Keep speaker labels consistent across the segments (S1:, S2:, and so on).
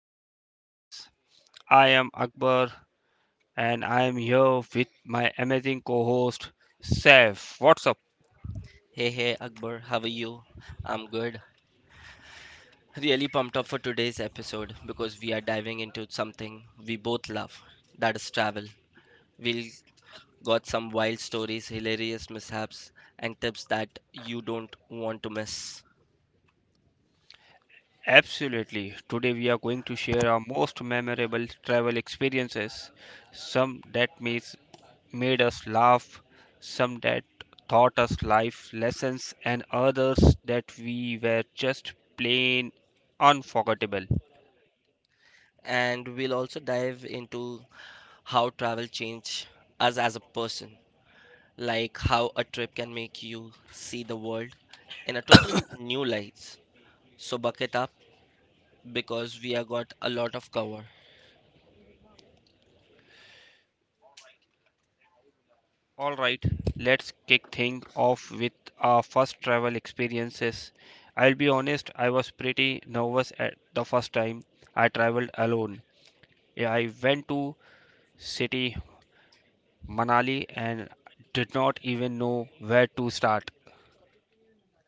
S1: of travel stories. I am Akbar, and I am here with my amazing co-host, Saif. What's up?
S2: Hey, hey, Akbar, how are you? I'm good. Really pumped up for today's episode because we are diving into something we both love, that is travel. We'll got some wild stories, hilarious mishaps, and tips that you don't want to miss.
S1: Absolutely. Today we are going to share our most memorable travel experiences, some that made us laugh, some that taught us life lessons, and others that we were just plain unforgettable.
S2: And we'll also dive into how travel changed us as a person, like how a trip can make you see the world in a total new light. So bucket up because we have got a lot of cover.
S1: All right, let's kick things off with our first travel experiences. I'll be honest, I was pretty nervous at the first time I traveled alone. I went to city Manali and did not even know where to start.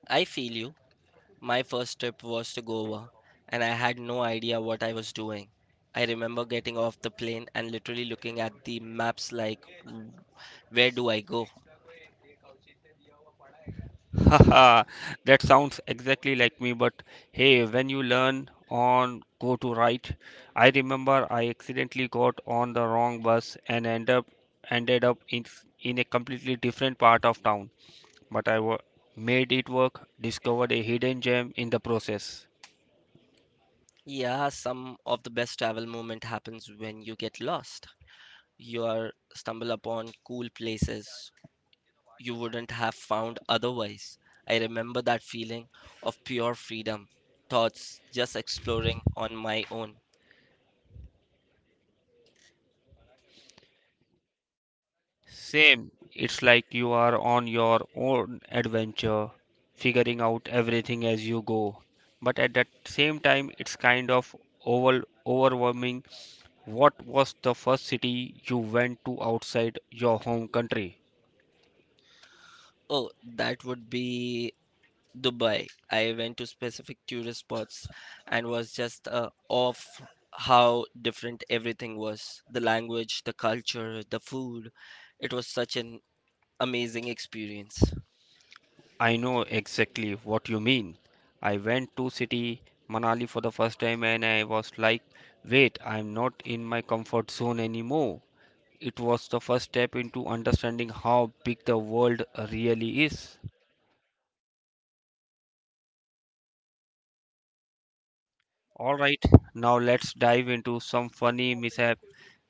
S2: I feel you. My first trip was to Goa, and I had no idea what I was doing. I remember getting off the plane and literally looking at the maps like, Where do I go?"
S1: Haha, that sounds exactly like me, but hey, when you learn on go to right, I remember I accidentally got on the wrong bus and ended up in a completely different part of town, but I made it work, discovered a hidden gem in the process.
S2: Yeah, some of the best travel moment happens when you get lost. You are stumble upon cool places you wouldn't have found otherwise. I remember that feeling of pure freedom, thoughts just exploring on my own.
S1: Same. It's like you are on your own adventure, figuring out everything as you go. But at that same time, it's kind of overwhelming. What was the first city you went to outside your home country?
S2: Oh, that would be Dubai. I went to specific tourist spots and was just off how different everything was. The language, the culture, the food. It was such an amazing experience.
S1: I know exactly what you mean. I went to city Manali for the first time and I was like, wait, I'm not in my comfort zone anymore. It was the first step into understanding how big the world really is. All right, now let's dive into some funny mishap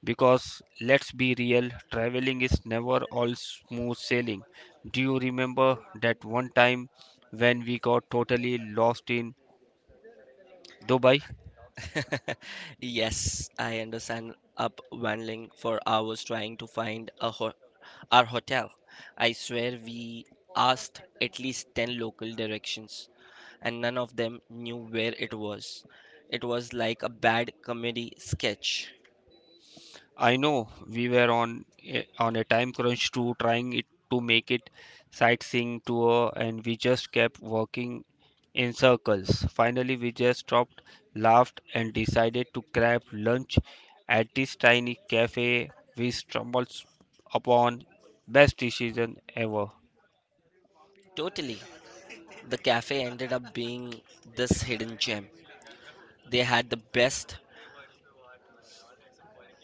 S1: because let's be real, traveling is never all smooth sailing. Do you remember that one time when we got totally lost in Dubai?
S2: Yes, I understand up wandering for hours trying to find a ho our hotel. I swear we asked at least 10 local directions and none of them knew where it was. It was like a bad comedy sketch.
S1: I know we were on a time crunch too, trying it to make it sightseeing tour and we just kept walking in circles. Finally we just stopped, laughed and decided to grab lunch at this tiny cafe we stumbled upon best decision ever.
S2: Totally. The cafe ended up being this hidden gem. They had the best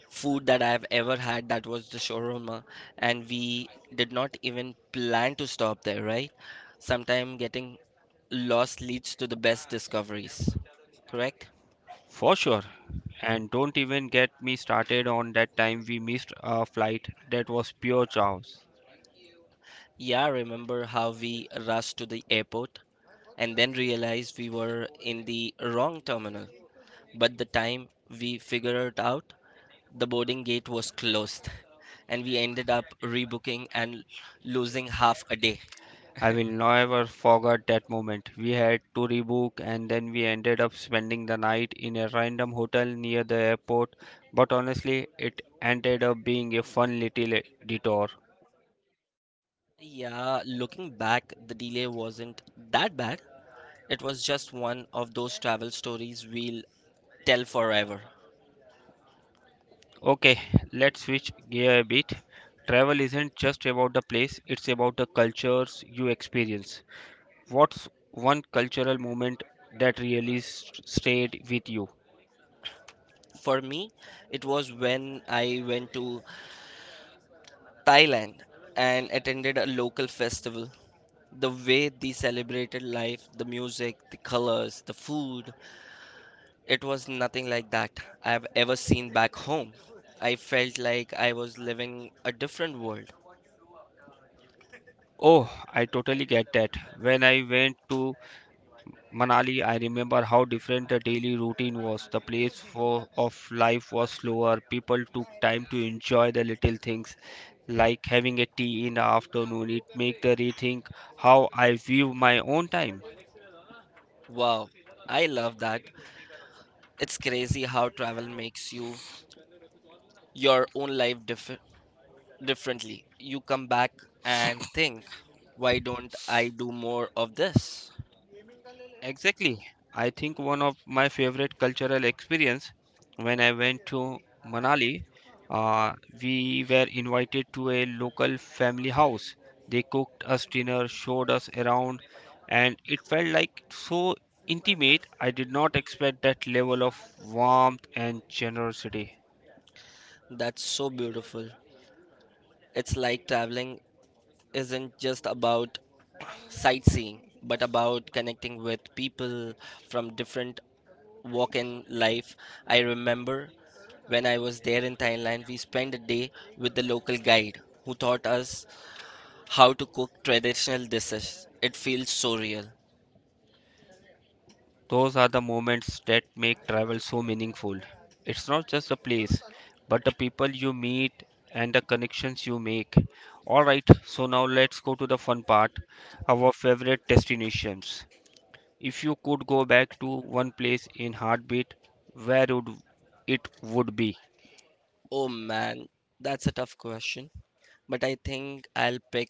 S2: food that I've ever had, that was the shawarma, and we did not even plan to stop there, right? Sometimes getting lost leads to the best discoveries, correct?
S1: For sure. And don't even get me started on that time we missed a flight. That was pure chaos.
S2: Yeah, remember how we rushed to the airport and then realized we were in the wrong terminal. But the time we figured it out, the boarding gate was closed, and we ended up rebooking and losing half a day.
S1: I will never forget that moment. We had to rebook and then we ended up spending the night in a random hotel near the airport. But honestly, it ended up being a fun little detour.
S2: Yeah, looking back, the delay wasn't that bad. It was just one of those travel stories we'll tell forever.
S1: Okay, let's switch gear a bit. Travel isn't just about the place, it's about the cultures you experience. What's one cultural moment that really stayed with you?
S2: For me, it was when I went to Thailand and attended a local festival. The way they celebrated life, the music, the colors, the food, it was nothing like that I've ever seen back home. I felt like I was living a different world.
S1: Oh, I totally get that. When I went to Manali, I remember how different the daily routine was. The of life was slower. People took time to enjoy the little things, like having a tea in the afternoon. It made the rethink how I view my own time.
S2: Wow, I love that. It's crazy how travel makes you your own life differently. You come back and think, why don't I do more of this?
S1: Exactly. I think one of my favorite cultural experience when I went to Manali, uh, we were invited to a local family house. They cooked us dinner, showed us around, and it felt like so intimate. I did not expect that level of warmth and generosity.
S2: That's so beautiful. It's like traveling isn't just about sightseeing, but about connecting with people from different walk in life. I remember when I was there in Thailand, we spent a day with the local guide who taught us how to cook traditional dishes. It feels so real.
S1: Those are the moments that make travel so meaningful. It's not just a place, but the people you meet and the connections you make. Alright, so now let's go to the fun part our favorite destinations. If you could go back to one place in heartbeat, where would it would be?
S2: Oh man, that's a tough question. But I think I'll pick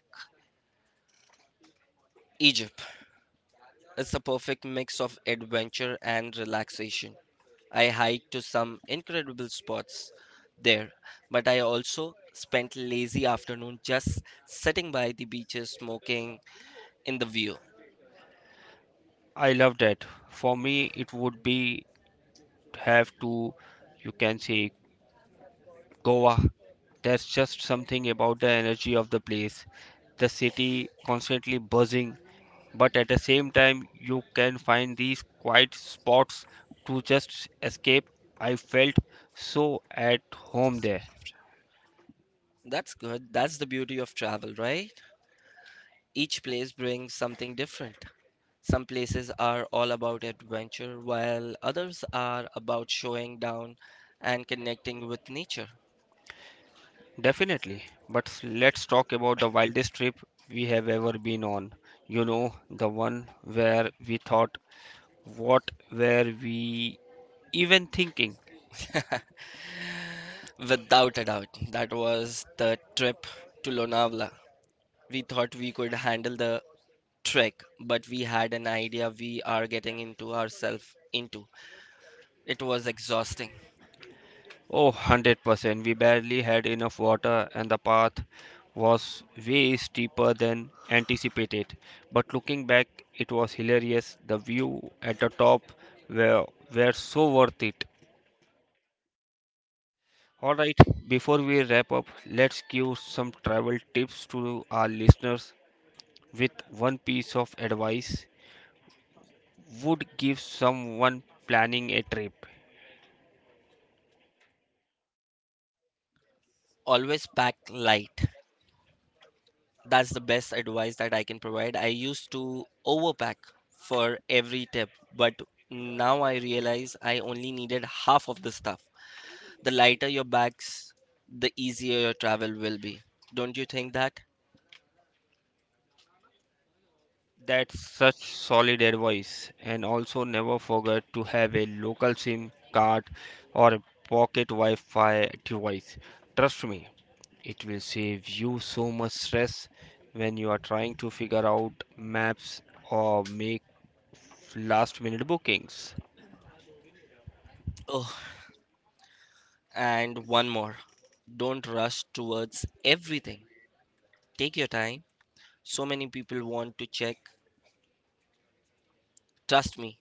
S2: Egypt. It's a perfect mix of adventure and relaxation. I hiked to some incredible spots there, but I also spent lazy afternoon just sitting by the beaches smoking in the view.
S1: I love that. For me, it would be have to, you can say, Goa. There's just something about the energy of the place. The city constantly buzzing, but at the same time, you can find these quiet spots to just escape. I felt so at home there.
S2: That's good. That's the beauty of travel, right? Each place brings something different. Some places are all about adventure, while others are about showing down and connecting with nature.
S1: Definitely. But let's talk about the wildest trip we have ever been on. You know, the one where we thought, what were we even thinking?
S2: Without a doubt, that was the trip to Lonavala. We thought we could handle the trek, but we had an idea we are getting into ourselves into. It was exhausting.
S1: Oh, 100%. We barely had enough water, and the path was way steeper than anticipated. But looking back, it was hilarious. The view at the were, were so worth it. All right, before we wrap up, let's give some travel tips to our listeners with one piece of advice would give someone planning a trip.
S2: Always pack light. That's the best advice that I can provide. I used to overpack for every tip, but now I realize I only needed half of the stuff. The lighter your bags, the easier your travel will be. Don't you think that?
S1: That's such solid advice. And also never forget to have a local SIM card or a pocket Wi-Fi device. Trust me, it will save you so much stress when you are trying to figure out maps or make last minute bookings.
S2: Oh, and one more. Don't rush towards everything. Take your time. So many people want to check. Trust me,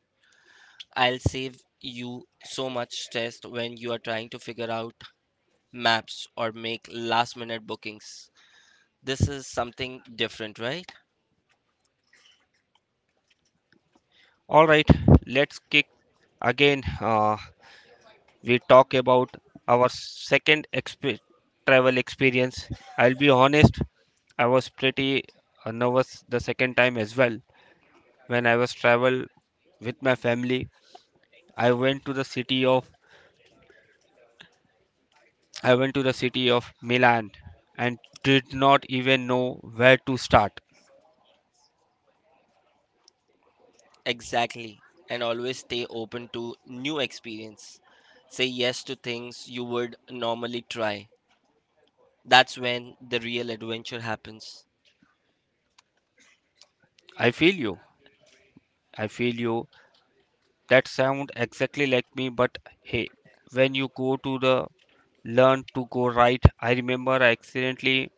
S2: I'll save you so much stress when you are trying to figure out maps or make last minute bookings. This is something different, right?
S1: All right, let's kick again. We talk about our second travel experience. I'll be honest, I was pretty nervous the second time as well. When I was travel with my family, I went to the city of I went to the city of Milan and did not even know where to start.
S2: Exactly. And always stay open to new experience. Say yes to things you would normally try. That's when the real adventure happens.
S1: I feel you. I feel you. That sound exactly like me, but hey, when you go to the learn to go right, I remember I accidentally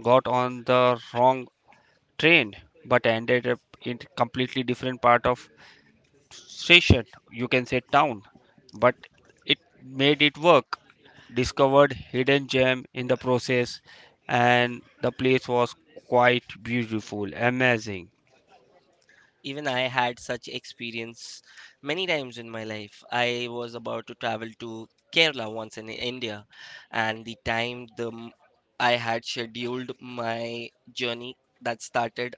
S1: got on the wrong train, but ended up in completely different part of station. You can say town, but it made it work. Discovered hidden gem in the process, and the place was quite beautiful, amazing,
S2: Even I had such experience many times in my life. I was about to travel to Kerala once in India, and the time the I had scheduled my journey that started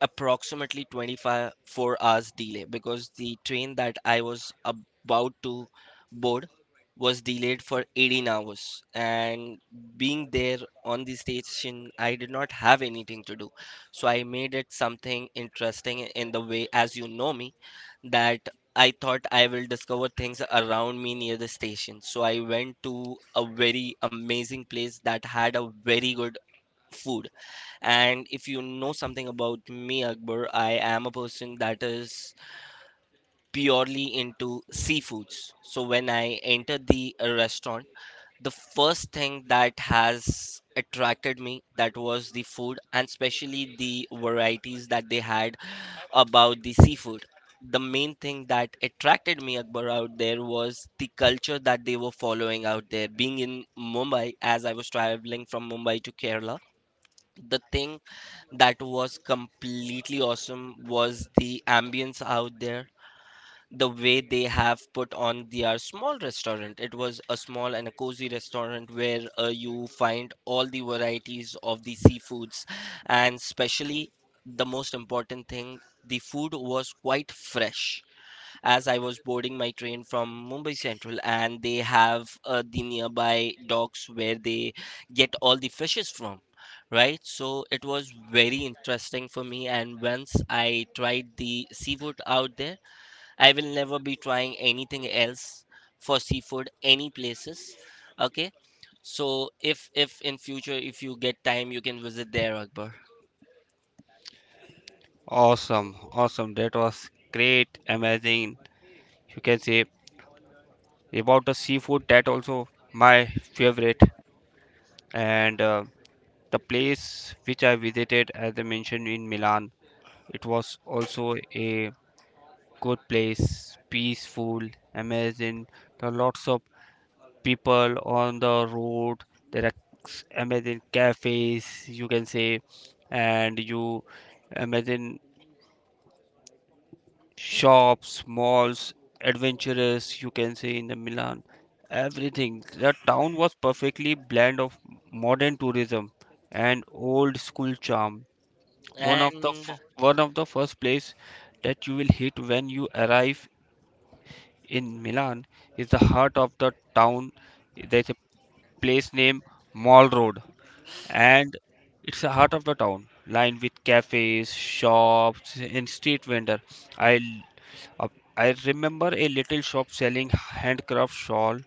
S2: approximately 24 hours delay because the train that I was about to board was delayed for 18 hours, and being there on the station I did not have anything to do, so I made it something interesting in the way. As you know me, that I thought I will discover things around me near the station, so I went to a very amazing place that had a very good food. And if you know something about me, Akbar, I am a person that is purely into seafoods. So when I entered the restaurant, the first thing that has attracted me that was the food and especially the varieties that they had about the seafood. The main thing that attracted me, Akbar, out there was the culture that they were following out there. Being in Mumbai, as I was traveling from Mumbai to Kerala, the thing that was completely awesome was the ambience out there, the way they have put on their small restaurant. It was a small and a cozy restaurant where you find all the varieties of the seafoods, and especially the most important thing, the food was quite fresh as I was boarding my train from Mumbai Central, and they have the nearby docks where they get all the fishes from, right? So it was very interesting for me. And once I tried the seafood out there, I will never be trying anything else for seafood any places. Okay, so if in future if you get time, you can visit there, Akbar.
S1: awesome. That was great, amazing. You can say about the seafood that also my favorite and the place which I visited as I mentioned in Milan it was also a good place, peaceful, amazing. There are lots of people on the road. There are amazing cafes, you can say, and you imagine shops, malls, adventurous, you can say in the Milan, everything. The town was perfectly blend of modern tourism and old school charm.
S2: And
S1: One of the first place that you will hit when you arrive in Milan is the heart of the town. There's a place named Mall Road, and it's the heart of the town, lined with cafes, shops, and street vendor. I uh, I remember a little shop selling handcraft shawl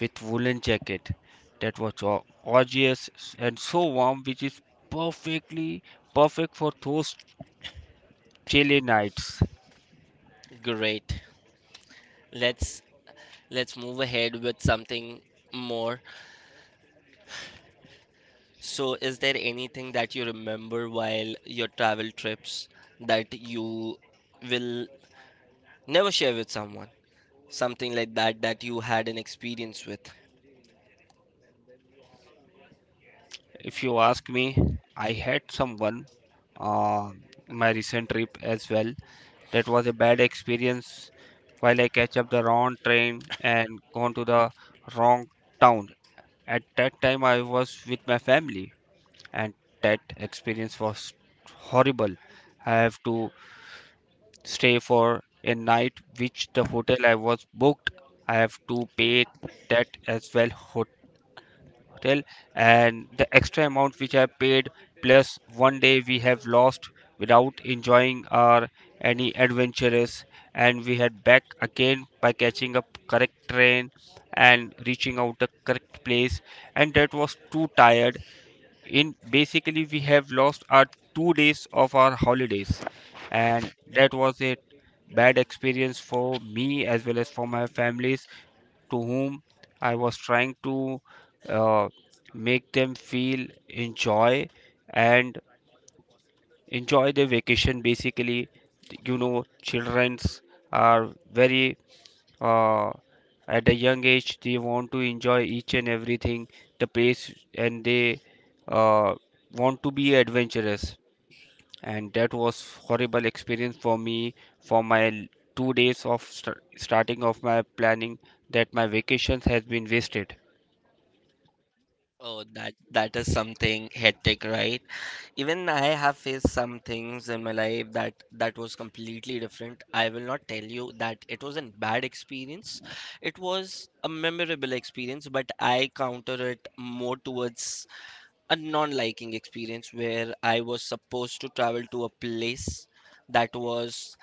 S1: with woolen jacket that was gorgeous and so warm, which is perfectly perfect for those chilly nights.
S2: great. Let's let's move ahead with something more. So, is there anything that you remember while your travel trips that you will never share with someone? Something like that that you had an experience with?
S1: If you ask me, I had someone uh, my recent trip as well. That was a bad experience while I catch up the wrong train and gone to the wrong town. At that time, I was with my family and that experience was horrible. I have to stay for a night which the hotel I was booked. I have to pay that as well hotel and the extra amount which I paid plus one day we have lost without enjoying our any adventures and we had back again by catching up correct train and reaching out the correct place and that was too tired in basically we have lost our 2 days of our holidays and that was a bad experience for me as well as for my families to whom I was trying to uh, make them feel enjoy and enjoy their vacation basically. You know children's are very uh, at a young age they want to enjoy each and everything the place and they uh, want to be adventurous and that was horrible experience for me for my 2 days of starting of my planning that my vacations has been wasted.
S2: Oh, that is something hectic, right? Even I have faced some things in my life that was completely different. I will not tell you that it was a bad experience. It was a memorable experience, but I counter it more towards a non-liking experience where I was supposed to travel to a place that was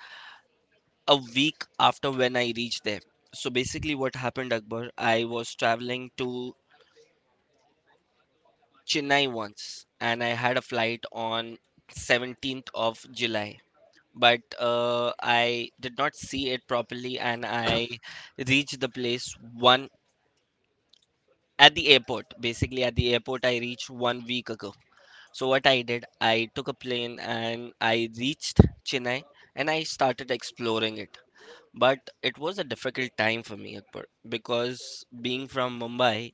S2: a week after when I reached there. So basically, what happened, Akbar, I was traveling to Chennai once, and I had a flight on 17th of July. But I did not see it properly, and I reached the place one at the airport. Basically, at the airport, I reached 1 week ago. So what I did, I took a plane and I reached Chennai and I started exploring it. But it was a difficult time for me, Akbar, because being from Mumbai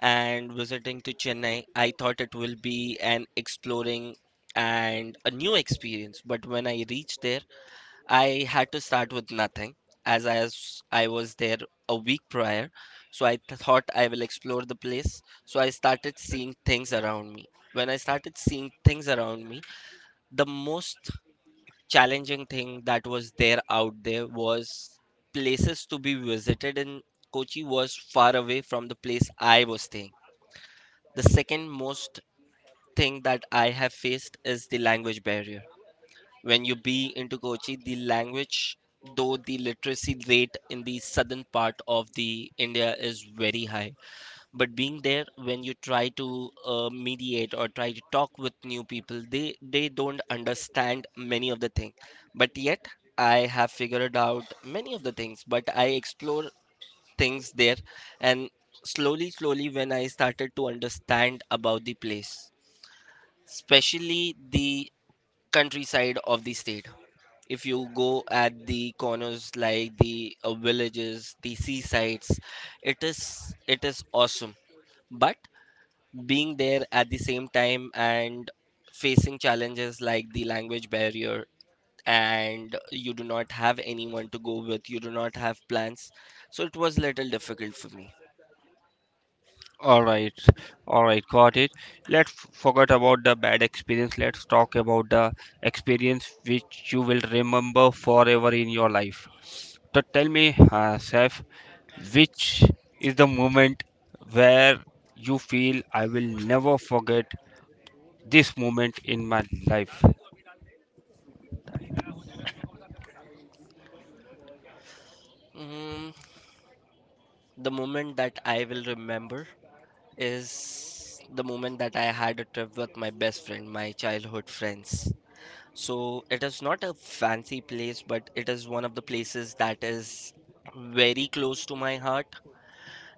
S2: and visiting to Chennai, I thought it will be an exploring and a new experience. But when I reached there, I had to start with nothing as I was there a week prior. So I thought I will explore the place. So I started seeing things around me. When I started seeing things around me, the most challenging thing that was there out there was places to be visited in Kochi was far away from the place I was staying. The second most thing that I have faced is the language barrier. When you be into Kochi, the language, though the literacy rate in the southern part of the India is very high, but being there when you try to mediate or try to talk with new people, they don't understand many of the things. But yet, I have figured out many of the things. But I explore things there, and slowly, slowly, when I started to understand about the place, especially the countryside of the state. If you go at the corners like the villages, the seasides, it is awesome. But being there at the same time and facing challenges like the language barrier, and you do not have anyone to go with, you do not have plans, so it was little difficult for me.
S1: All right, all right, got it. Let's forget about the bad experience. Let's talk about the experience which you will remember forever in your life. So tell me, Saif, which is the moment where you feel I will never forget this moment in my life?
S2: Mm, the moment that I will remember is the moment that I had a trip with my best friend, my childhood friends. So it is not a fancy place, but it is one of the places that is very close to my heart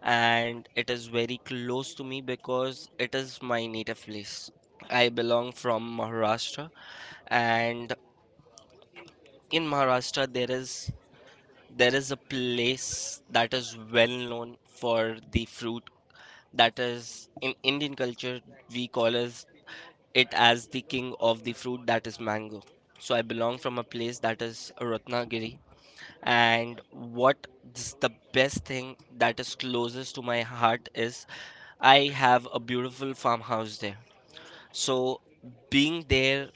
S2: and it is very close to me because it is my native place. I belong from Maharashtra, and in Maharashtra there is a place that is well known for the fruit that is in Indian culture we call as it as the king of the fruit, that is mango. So I belong from a place that is Ratnagiri, and what is the best thing that is closest to my heart is I have a beautiful farmhouse there. So being there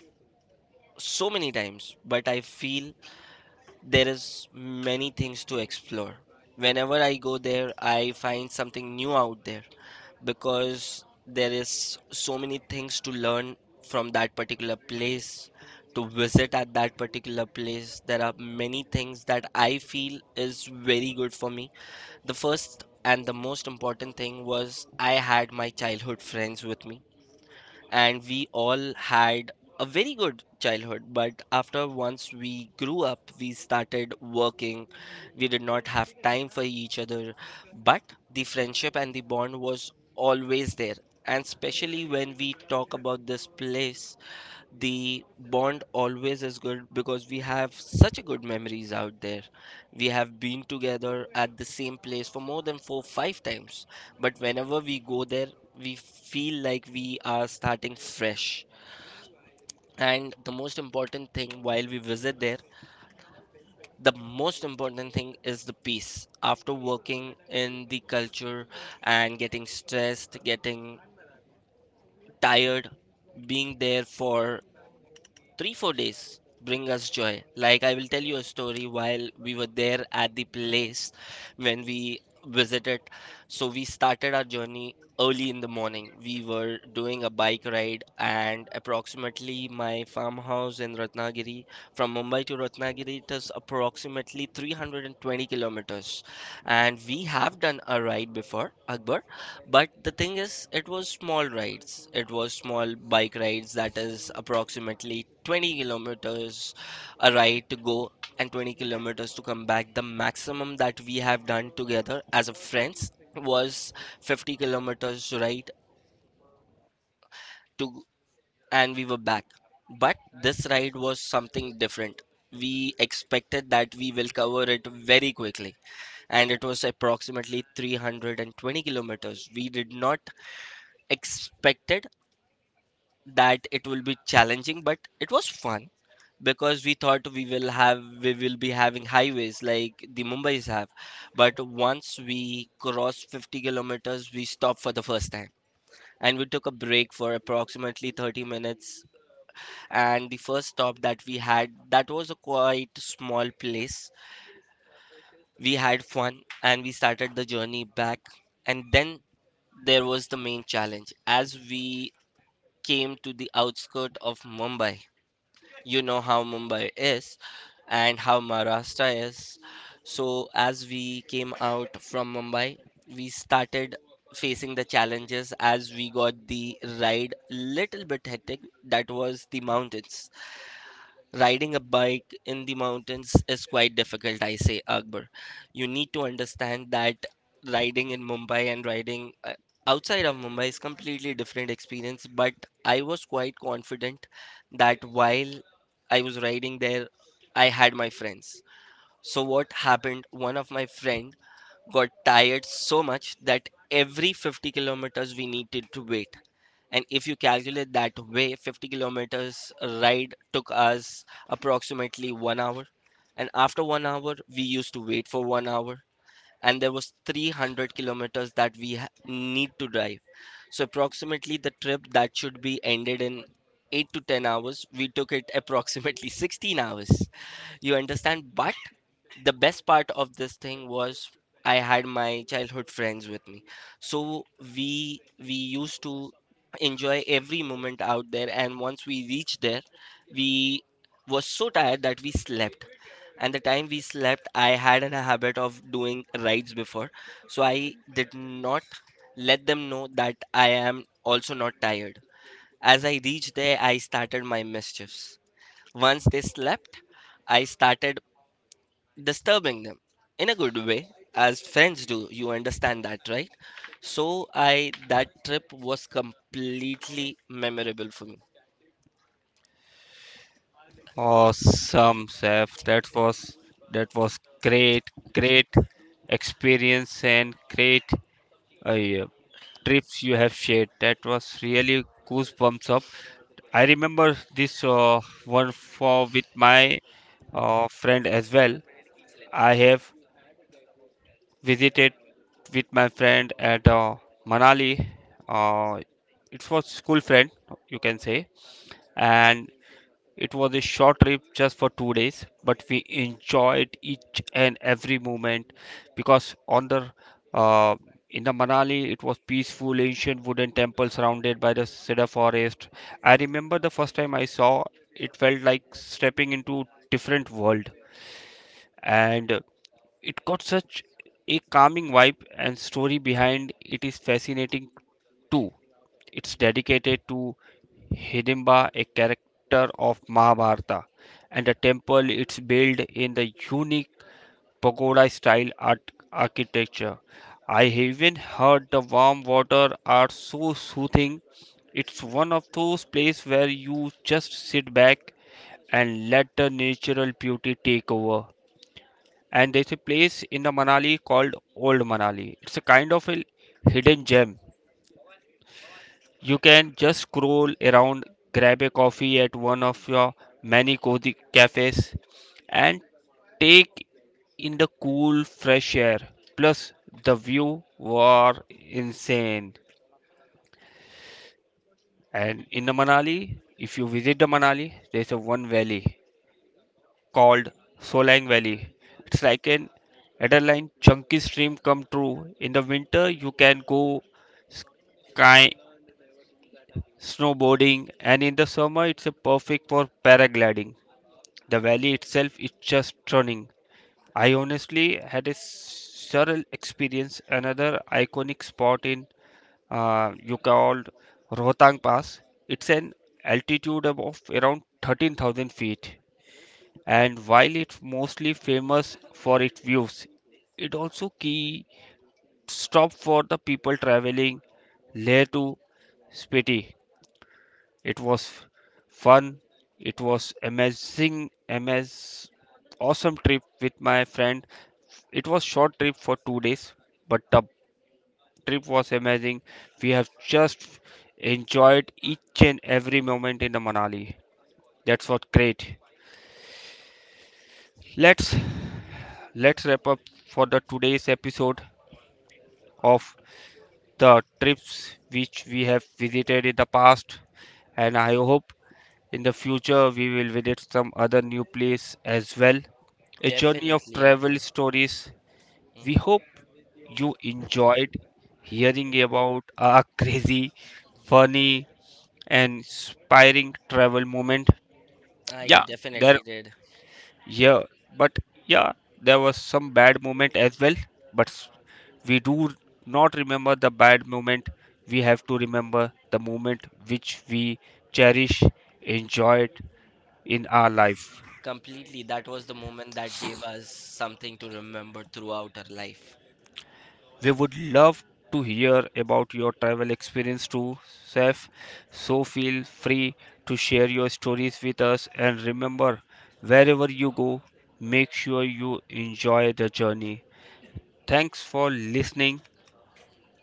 S2: so many times, but I feel there is many things to explore. Whenever I go there I find something new out there, because there is so many things to learn from that particular place. To visit at that particular place, there are many things that I feel is very good for me. The first and the most important thing was I had my childhood friends with me, and we all had a very good childhood. But after once we grew up, we started working. We did not have time for each other, but the friendship and the bond was always there. And especially when we talk about this place, the bond always is good because we have such a good memories out there. We have been together at the same place for more than four five times, but whenever we go there we feel like we are starting fresh. And the most important thing while we visit there, the most important thing is the peace. After working in the culture and getting stressed, getting tired, being there for 3-4 days bring us joy. Like, I will tell you a story. While we were there at the place, when we visited, so we started our journey early in the morning. We were doing a bike ride, and approximately my farmhouse in Ratnagiri. From Mumbai to Ratnagiri, it is approximately 320 kilometers. And we have done a ride before, Akbar. But the thing is, it was small rides. It was small bike rides that is approximately 20 kilometers a ride to go, and 20 kilometers to come back. The maximum that we have done together as a friends was 50 kilometers ride to, and we were back. But this ride was something different. We expected that we will cover it very quickly, and it was approximately 320 kilometers. We did not expected that it will be challenging, but it was fun, because we thought we will be having highways like the Mumbai's have. But once we crossed 50 kilometers, we stopped for the first time and we took a break for approximately 30 minutes. And the first stop that we had, that was a quite small place. We had fun and we started the journey back. And then there was the main challenge as we came to the outskirt of Mumbai. You know how Mumbai is and how Maharashtra is. So as we came out from Mumbai, we started facing the challenges, as we got the ride little bit hectic. That was the mountains. Riding a bike in the mountains is quite difficult, I say, Akbar. You need to understand that riding in Mumbai and riding outside of Mumbai is completely different experience. But I was quite confident that while I was riding there, I had my friends. So what happened? One of my friend got tired so much that every 50 kilometers we needed to wait. And if you calculate that way, 50 kilometers ride took us approximately 1 hour. And after 1 hour, we used to wait for 1 hour. And there was 300 kilometers that we need to drive. So approximately the trip that should be ended in 8 to 10 hours, we took it approximately 16 hours. You understand? But the best part of this thing was I had my childhood friends with me. So we used to enjoy every moment out there. And once we reached there, we was so tired that we slept. And the time we slept, I had an habit of doing rides before, so I did not let them know that I am also not tired. As I reached there, I started my mischiefs. Once they slept, I started disturbing them in a good way, as friends do. You understand that, right? So i that trip was completely memorable for me.
S1: Awesome, Saif. That was great, great experience and great yeah, trips you have shared. That was really goosebumps up. I remember this one for with my friend as well. I have visited with my friend at Manali. Uh, it was school friend, you can say, and it was a short trip just for 2 days, but we enjoyed each and every moment because on the uh, in the Manali it was peaceful ancient wooden temple surrounded by the cedar forest. I remember the first time I saw it felt like stepping into different world and it got such a calming vibe and story behind it is fascinating too. It's dedicated to Hidimba, a character of Mahabharata, and the temple it's built in the unique pagoda style art architecture. I even heard the warm water are so soothing. It's one of those places where you just sit back and let the natural beauty take over. And there's a place in the Manali called Old Manali. It's a kind of a hidden gem. You can just scroll around, grab a coffee at one of your many cozy cafes, and take in the cool, fresh air. Plus, the view were insane. And in the Manali, if you visit the Manali, there's a one valley called Solang Valley. It's like an adrenaline chunky stream come true. In the winter, you can go sky snowboarding, and in the summer it's a perfect for paragliding. The valley itself is just stunning. I honestly had a surreal experience. Another iconic spot in you called Rohtang Pass. It's an altitude of around 13,000 feet, and while it's mostly famous for its views, it also key stop for the people traveling Leh to Spiti. It was fun. It was amazing, amaz awesome trip with my friend. It was short trip for 2 days, but the trip was amazing. We have just enjoyed each and every moment in the Manali. That's what great. Let's let's wrap up for the today's episode of the trips which we have visited in the past and I hope in the future, we will visit some other new place as well. A journey of
S2: Definitely,
S1: travel
S2: Akbar.
S1: stories. We
S2: Hmm.
S1: hope you enjoyed hearing about our crazy, funny, and inspiring travel moment.
S2: I
S1: Yeah,
S2: definitely
S1: there,
S2: did.
S1: yeah, but yeah, there was some bad moment as well. But we do not remember the bad moment. We have to remember the moment which we cherish, enjoyed in our life.
S2: Completely. That was the moment that gave us something to remember throughout our life.
S1: We would love to hear about your travel experience too, Seth. So feel free to share your stories with us. And remember, wherever you go, make sure you enjoy the journey. Thanks for listening.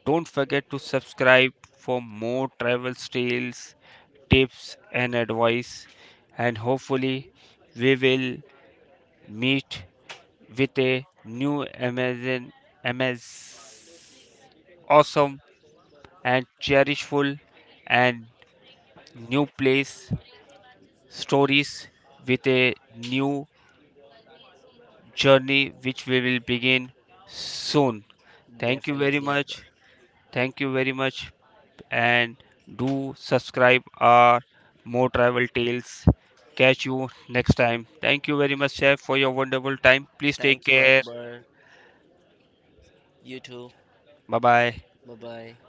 S1: Don't forget to subscribe for more travel tales, tips, and advice. And hopefully, we will meet with a new amazing, awesome and cherishful and new place stories with a new journey which we will begin soon. Thank you very
S2: Definitely, Akbar.
S1: much. Thank you very much and do subscribe our more travel tales. Catch you next time. Thank you very much, Chef, for your wonderful time. Please take
S2: Thank you,
S1: care.
S2: Akbar. You too.
S1: Bye bye.
S2: Bye bye